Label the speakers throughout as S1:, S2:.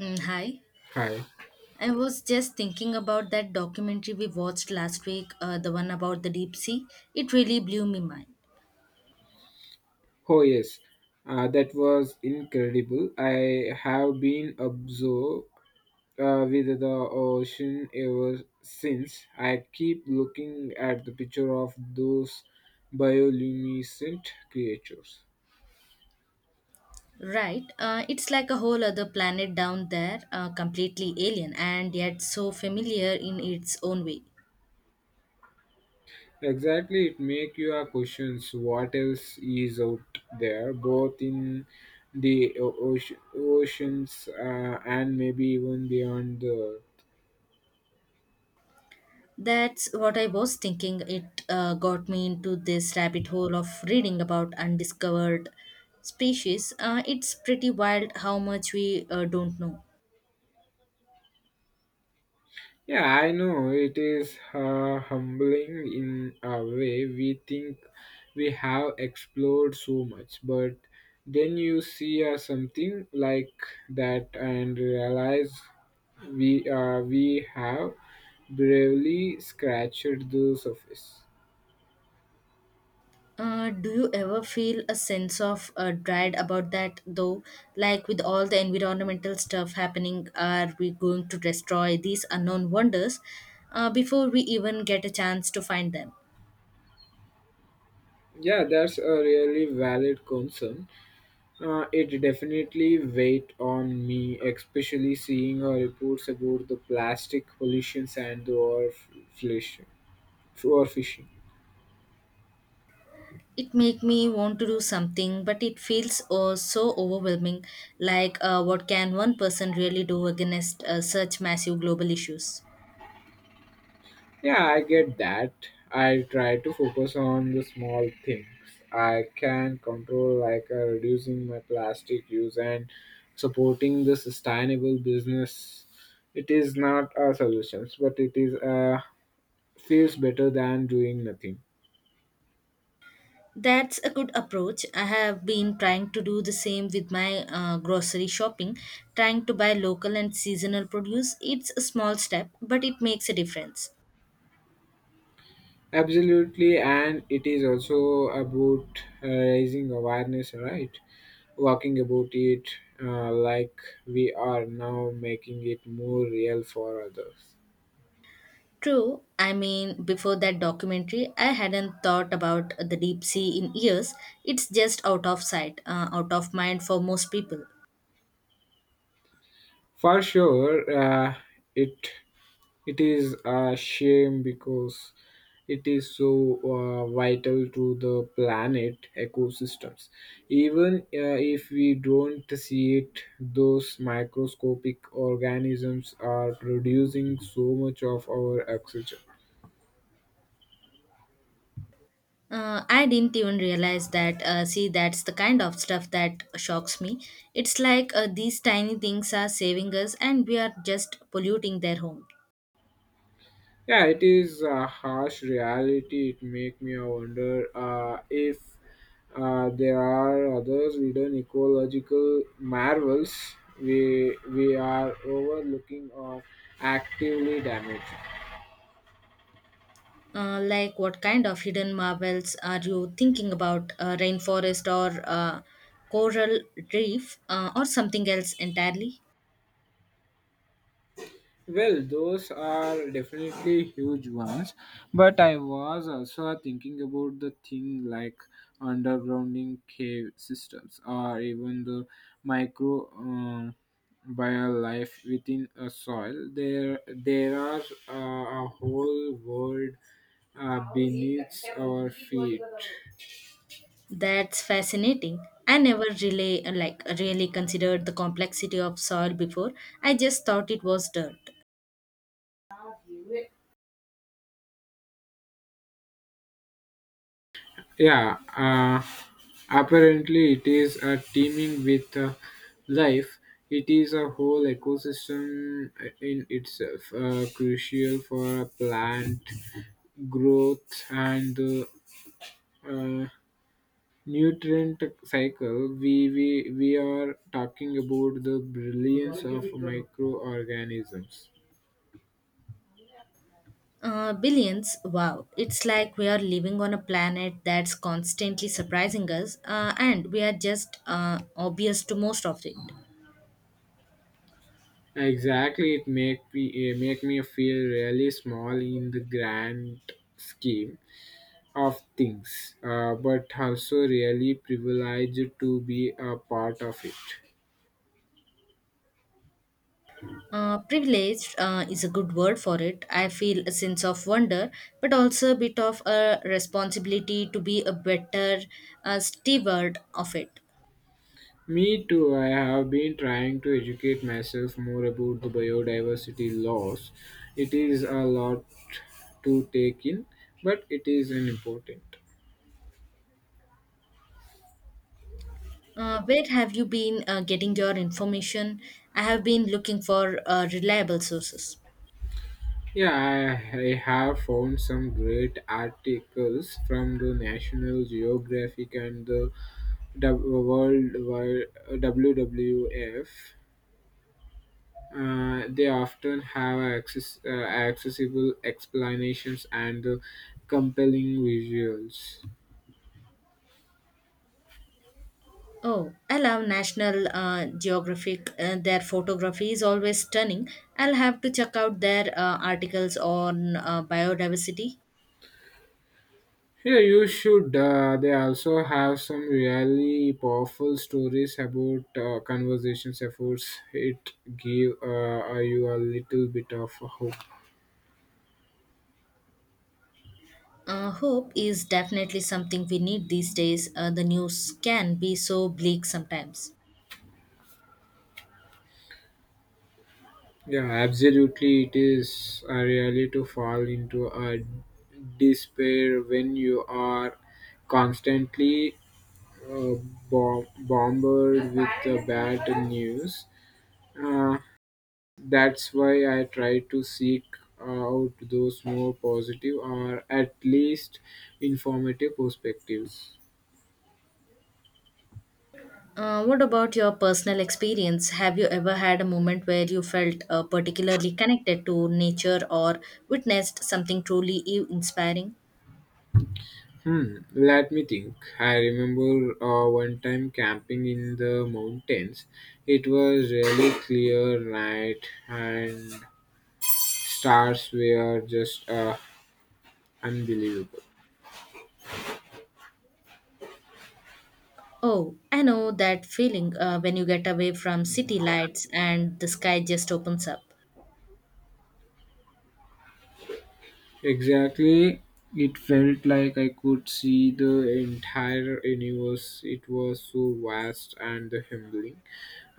S1: Hi.
S2: Hi.
S1: I was just thinking about that documentary we watched last week, the one about the deep sea. It really blew me mind.
S2: Oh, yes. That was incredible. I have been absorbed with the ocean ever since. I keep looking at the picture of those bioluminescent creatures.
S1: Right, it's like a whole other planet down there, completely alien and yet so familiar in its own way.
S2: Exactly, it makes you a questions what else is out there, both in the ocean, oceans and maybe even beyond the.
S1: That's what I was thinking. It got me into this rabbit hole of reading about undiscovered species. It's pretty wild how much we don't know.
S2: Yeah, I know it is humbling in a way. We think we have explored so much, but then you see something like that and realize we have bravely scratched the surface.
S1: Do you ever feel a sense of dread about that though? Like with all the environmental stuff happening, are we going to destroy these unknown wonders before we even get a chance to find them?
S2: Yeah, that's a really valid concern. It definitely weighed on me, especially seeing reports about the plastic pollutions and the overfishing, for fishing.
S1: It make me want to do something, but it feels oh, so overwhelming. Like what can one person really do against such massive global issues?
S2: Yeah, I get that. I try to focus on the small things I can control, like reducing my plastic use and supporting the sustainable business. It is not a solution, but it is feels better than doing nothing.
S1: That's a good approach. I have been trying to do the same with my grocery shopping, trying to buy local and seasonal produce. It's a small step, but it makes a difference.
S2: Absolutely, and it is also about raising awareness, right? Walking about it like we are now making it more real for others.
S1: True, I mean, before that documentary, I hadn't thought about the deep sea in years. It's just out of sight, out of mind for most people.
S2: For sure, it it is a shame because it is so vital to the planet ecosystems. Even if we don't see it, those microscopic organisms are producing so much of our oxygen.
S1: I didn't even realize that. See, that's the kind of stuff that shocks me. It's like these tiny things are saving us, and we are just polluting their home.
S2: Yeah, it is a harsh reality. It make me wonder if there are others hidden ecological marvels we are overlooking or actively damaged.
S1: Like what kind of hidden marvels are you thinking about? Rainforest or coral reef or something else entirely?
S2: Well, those are definitely huge ones, but I was also thinking about the thing like undergrounding cave systems or even the micro bio life within a soil. There are a whole world beneath our feet.
S1: That's fascinating. I never really really considered the complexity of soil before. I just thought it was dirt.
S2: Yeah, apparently it is teeming with life. It is a whole ecosystem in itself, crucial for plant growth and the uh, nutrient cycle. We are talking about the brilliance of microorganisms.
S1: Billions, wow. It's like we are living on a planet that's constantly surprising us, and we are just obvious to most of it.
S2: Exactly, it make me eh, make me feel really small in the grand scheme of things, but also really privileged to be a part of it.
S1: Privileged is a good word for it. I feel a sense of wonder, but also a bit of a responsibility to be a better steward of it.
S2: Me too, I have been trying to educate myself more about the biodiversity laws. It is a lot to take in, but it is an important.
S1: Where have you been getting your information? I have been looking for reliable sources.
S2: Yeah, I have found some great articles from the National Geographic and the WWF. They often have accessible explanations and compelling visuals.
S1: Oh, I love National Geographic. Their photography is always stunning. I'll have to check out their articles on biodiversity.
S2: Yeah, you should. They also have some really powerful stories about conversations efforts. It give you a little bit of hope.
S1: Hope is definitely something we need these days. The news can be so bleak sometimes.
S2: Yeah, absolutely. It is really to fall into a despair when you are constantly uh, bombarded with the bad news. Uh, that's why I try to seek out those more positive or at least informative perspectives.
S1: What about your personal experience? Have you ever had a moment where you felt particularly connected to nature or witnessed something truly inspiring?
S2: Hmm, let me think. I remember one time camping in the mountains. It was really clear night and stars were just unbelievable.
S1: Oh, I know that feeling when you get away from city lights and the sky just opens up.
S2: Exactly. It felt like I could see the entire universe. It was so vast and humbling.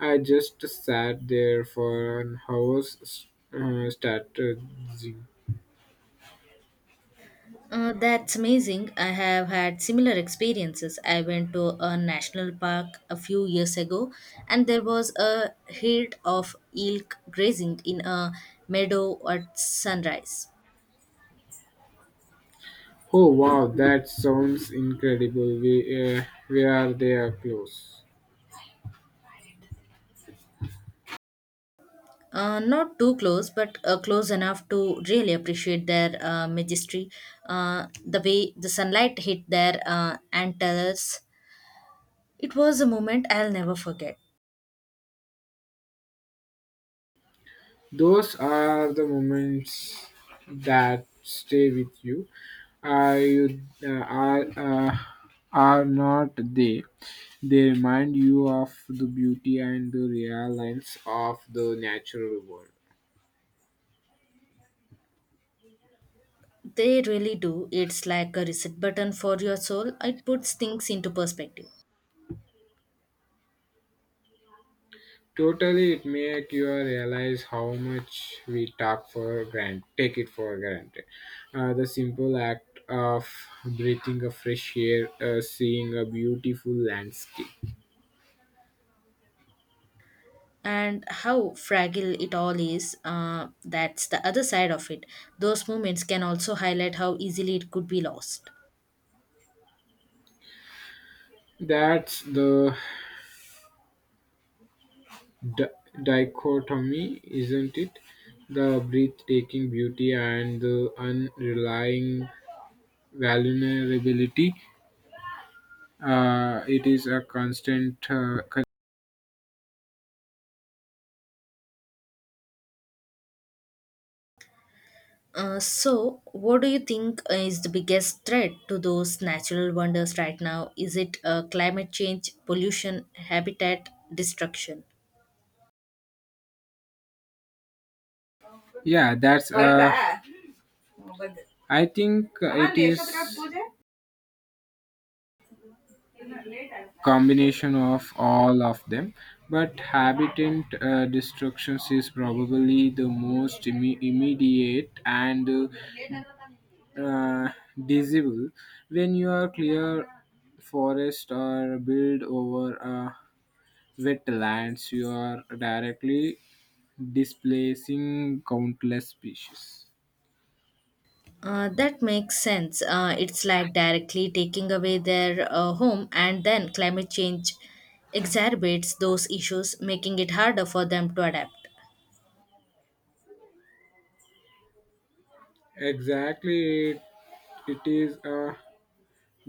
S2: I just sat there for an hour strategizing.
S1: That's amazing. I have had similar experiences. I went to a national park a few years ago, and there was a herd of elk grazing in a meadow at sunrise.
S2: Oh wow, that sounds incredible. Where they are close.
S1: Not too close, but close enough to really appreciate their majesty. The way the sunlight hit their antlers, it was a moment I'll never forget.
S2: Those are the moments that stay with you. Are you uh, are uh, are not they? They remind you of the beauty and the realness of the natural world.
S1: They really do. It's like a reset button for your soul. It puts things into perspective.
S2: Totally, it make you realize how much we talk for granted, take it for granted. The simple act of breathing a fresh air, seeing a beautiful landscape.
S1: And how fragile it all is, that's the other side of it. Those moments can also highlight how easily it could be lost.
S2: That's the di- dichotomy, isn't it? The breathtaking beauty and the unrelying vulnerability. It is a constant.
S1: So what do you think is the biggest threat to those natural wonders right now? Is it climate change, pollution, habitat destruction?
S2: Yeah, that's. I think it is combination of all of them but habitat destruction is probably the most immediate and uh, disabled when you are clear forest or build over wetlands, you are directly displacing countless species.
S1: That makes sense. It's like directly taking away their home, and then climate change exacerbates those issues, making it harder for them to adapt.
S2: Exactly, it is a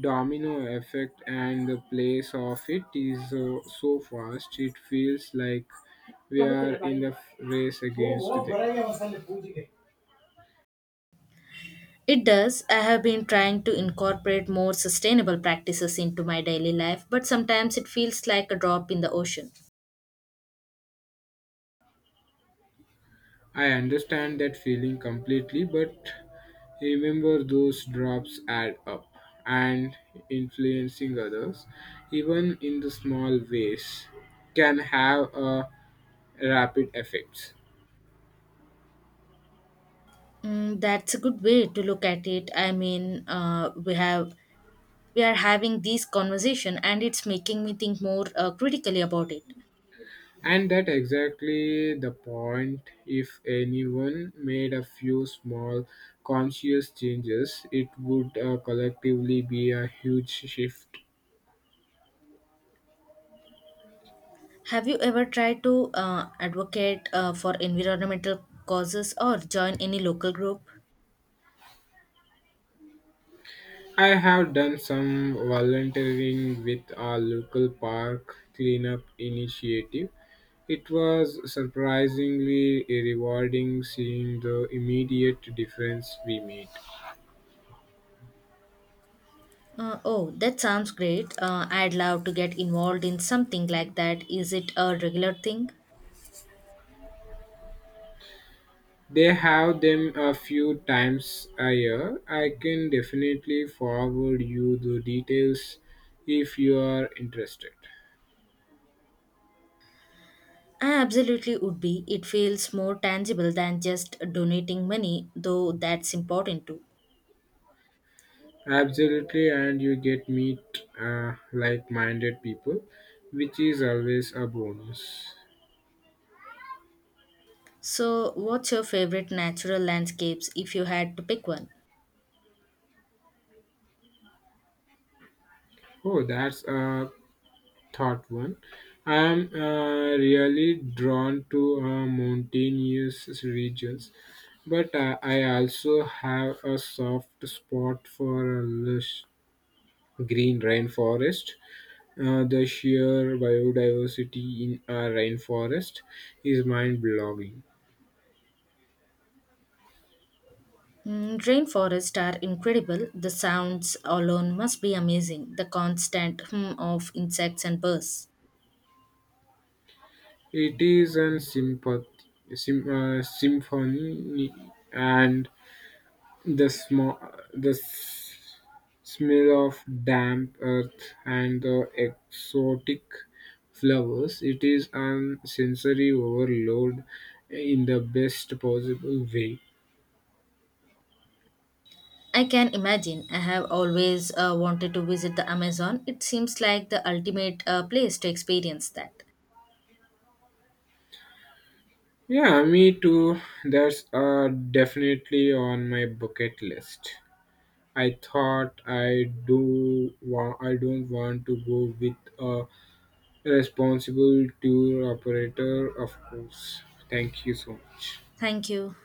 S2: domino effect and the place of it is so fast it feels like we are in the race against them.
S1: It does. I have been trying to incorporate more sustainable practices into my daily life, but sometimes it feels like a drop in the ocean.
S2: I understand that feeling completely, but remember those drops add up and influencing others, even in the small ways, can have a rapid effects.
S1: Mm, that's a good way to look at it. I mean, we are having this conversation, and it's making me think more critically about it.
S2: And that exactly the point. If anyone made a few small conscious changes, it would collectively be a huge shift.
S1: Have you ever tried to advocate for environmental causes or join any local group?
S2: I have done some volunteering with our local park cleanup initiative. It was surprisingly rewarding seeing the immediate difference we made.
S1: Oh, that sounds great. I'd love to get involved in something like that. Is it a regular thing?
S2: They have them a few times a year. I can definitely forward you the details if you are interested.
S1: I absolutely would be. It feels more tangible than just donating money, though that's important too.
S2: Absolutely, and you get meet like minded people, which is always a bonus.
S1: So, what's your favorite natural landscapes if you had to pick one?
S2: Oh, that's a thought one. I'm really drawn to mountainous regions, but I also have a soft spot for a lush green rainforest. The sheer biodiversity in a rainforest is mind-blowing.
S1: Mm, rainforests are incredible. The sounds alone must be amazing. The constant hum of insects and birds.
S2: It is a symphony and The, sm- the smell of damp earth and the exotic flowers. It is a sensory overload in the best possible way.
S1: I can imagine. I have always wanted to visit the Amazon. It seems like the ultimate place to experience that.
S2: Yeah, me too. That's definitely on my bucket list. I thought I don't want to go with a responsible tour operator, of course. Thank you so much.
S1: Thank you.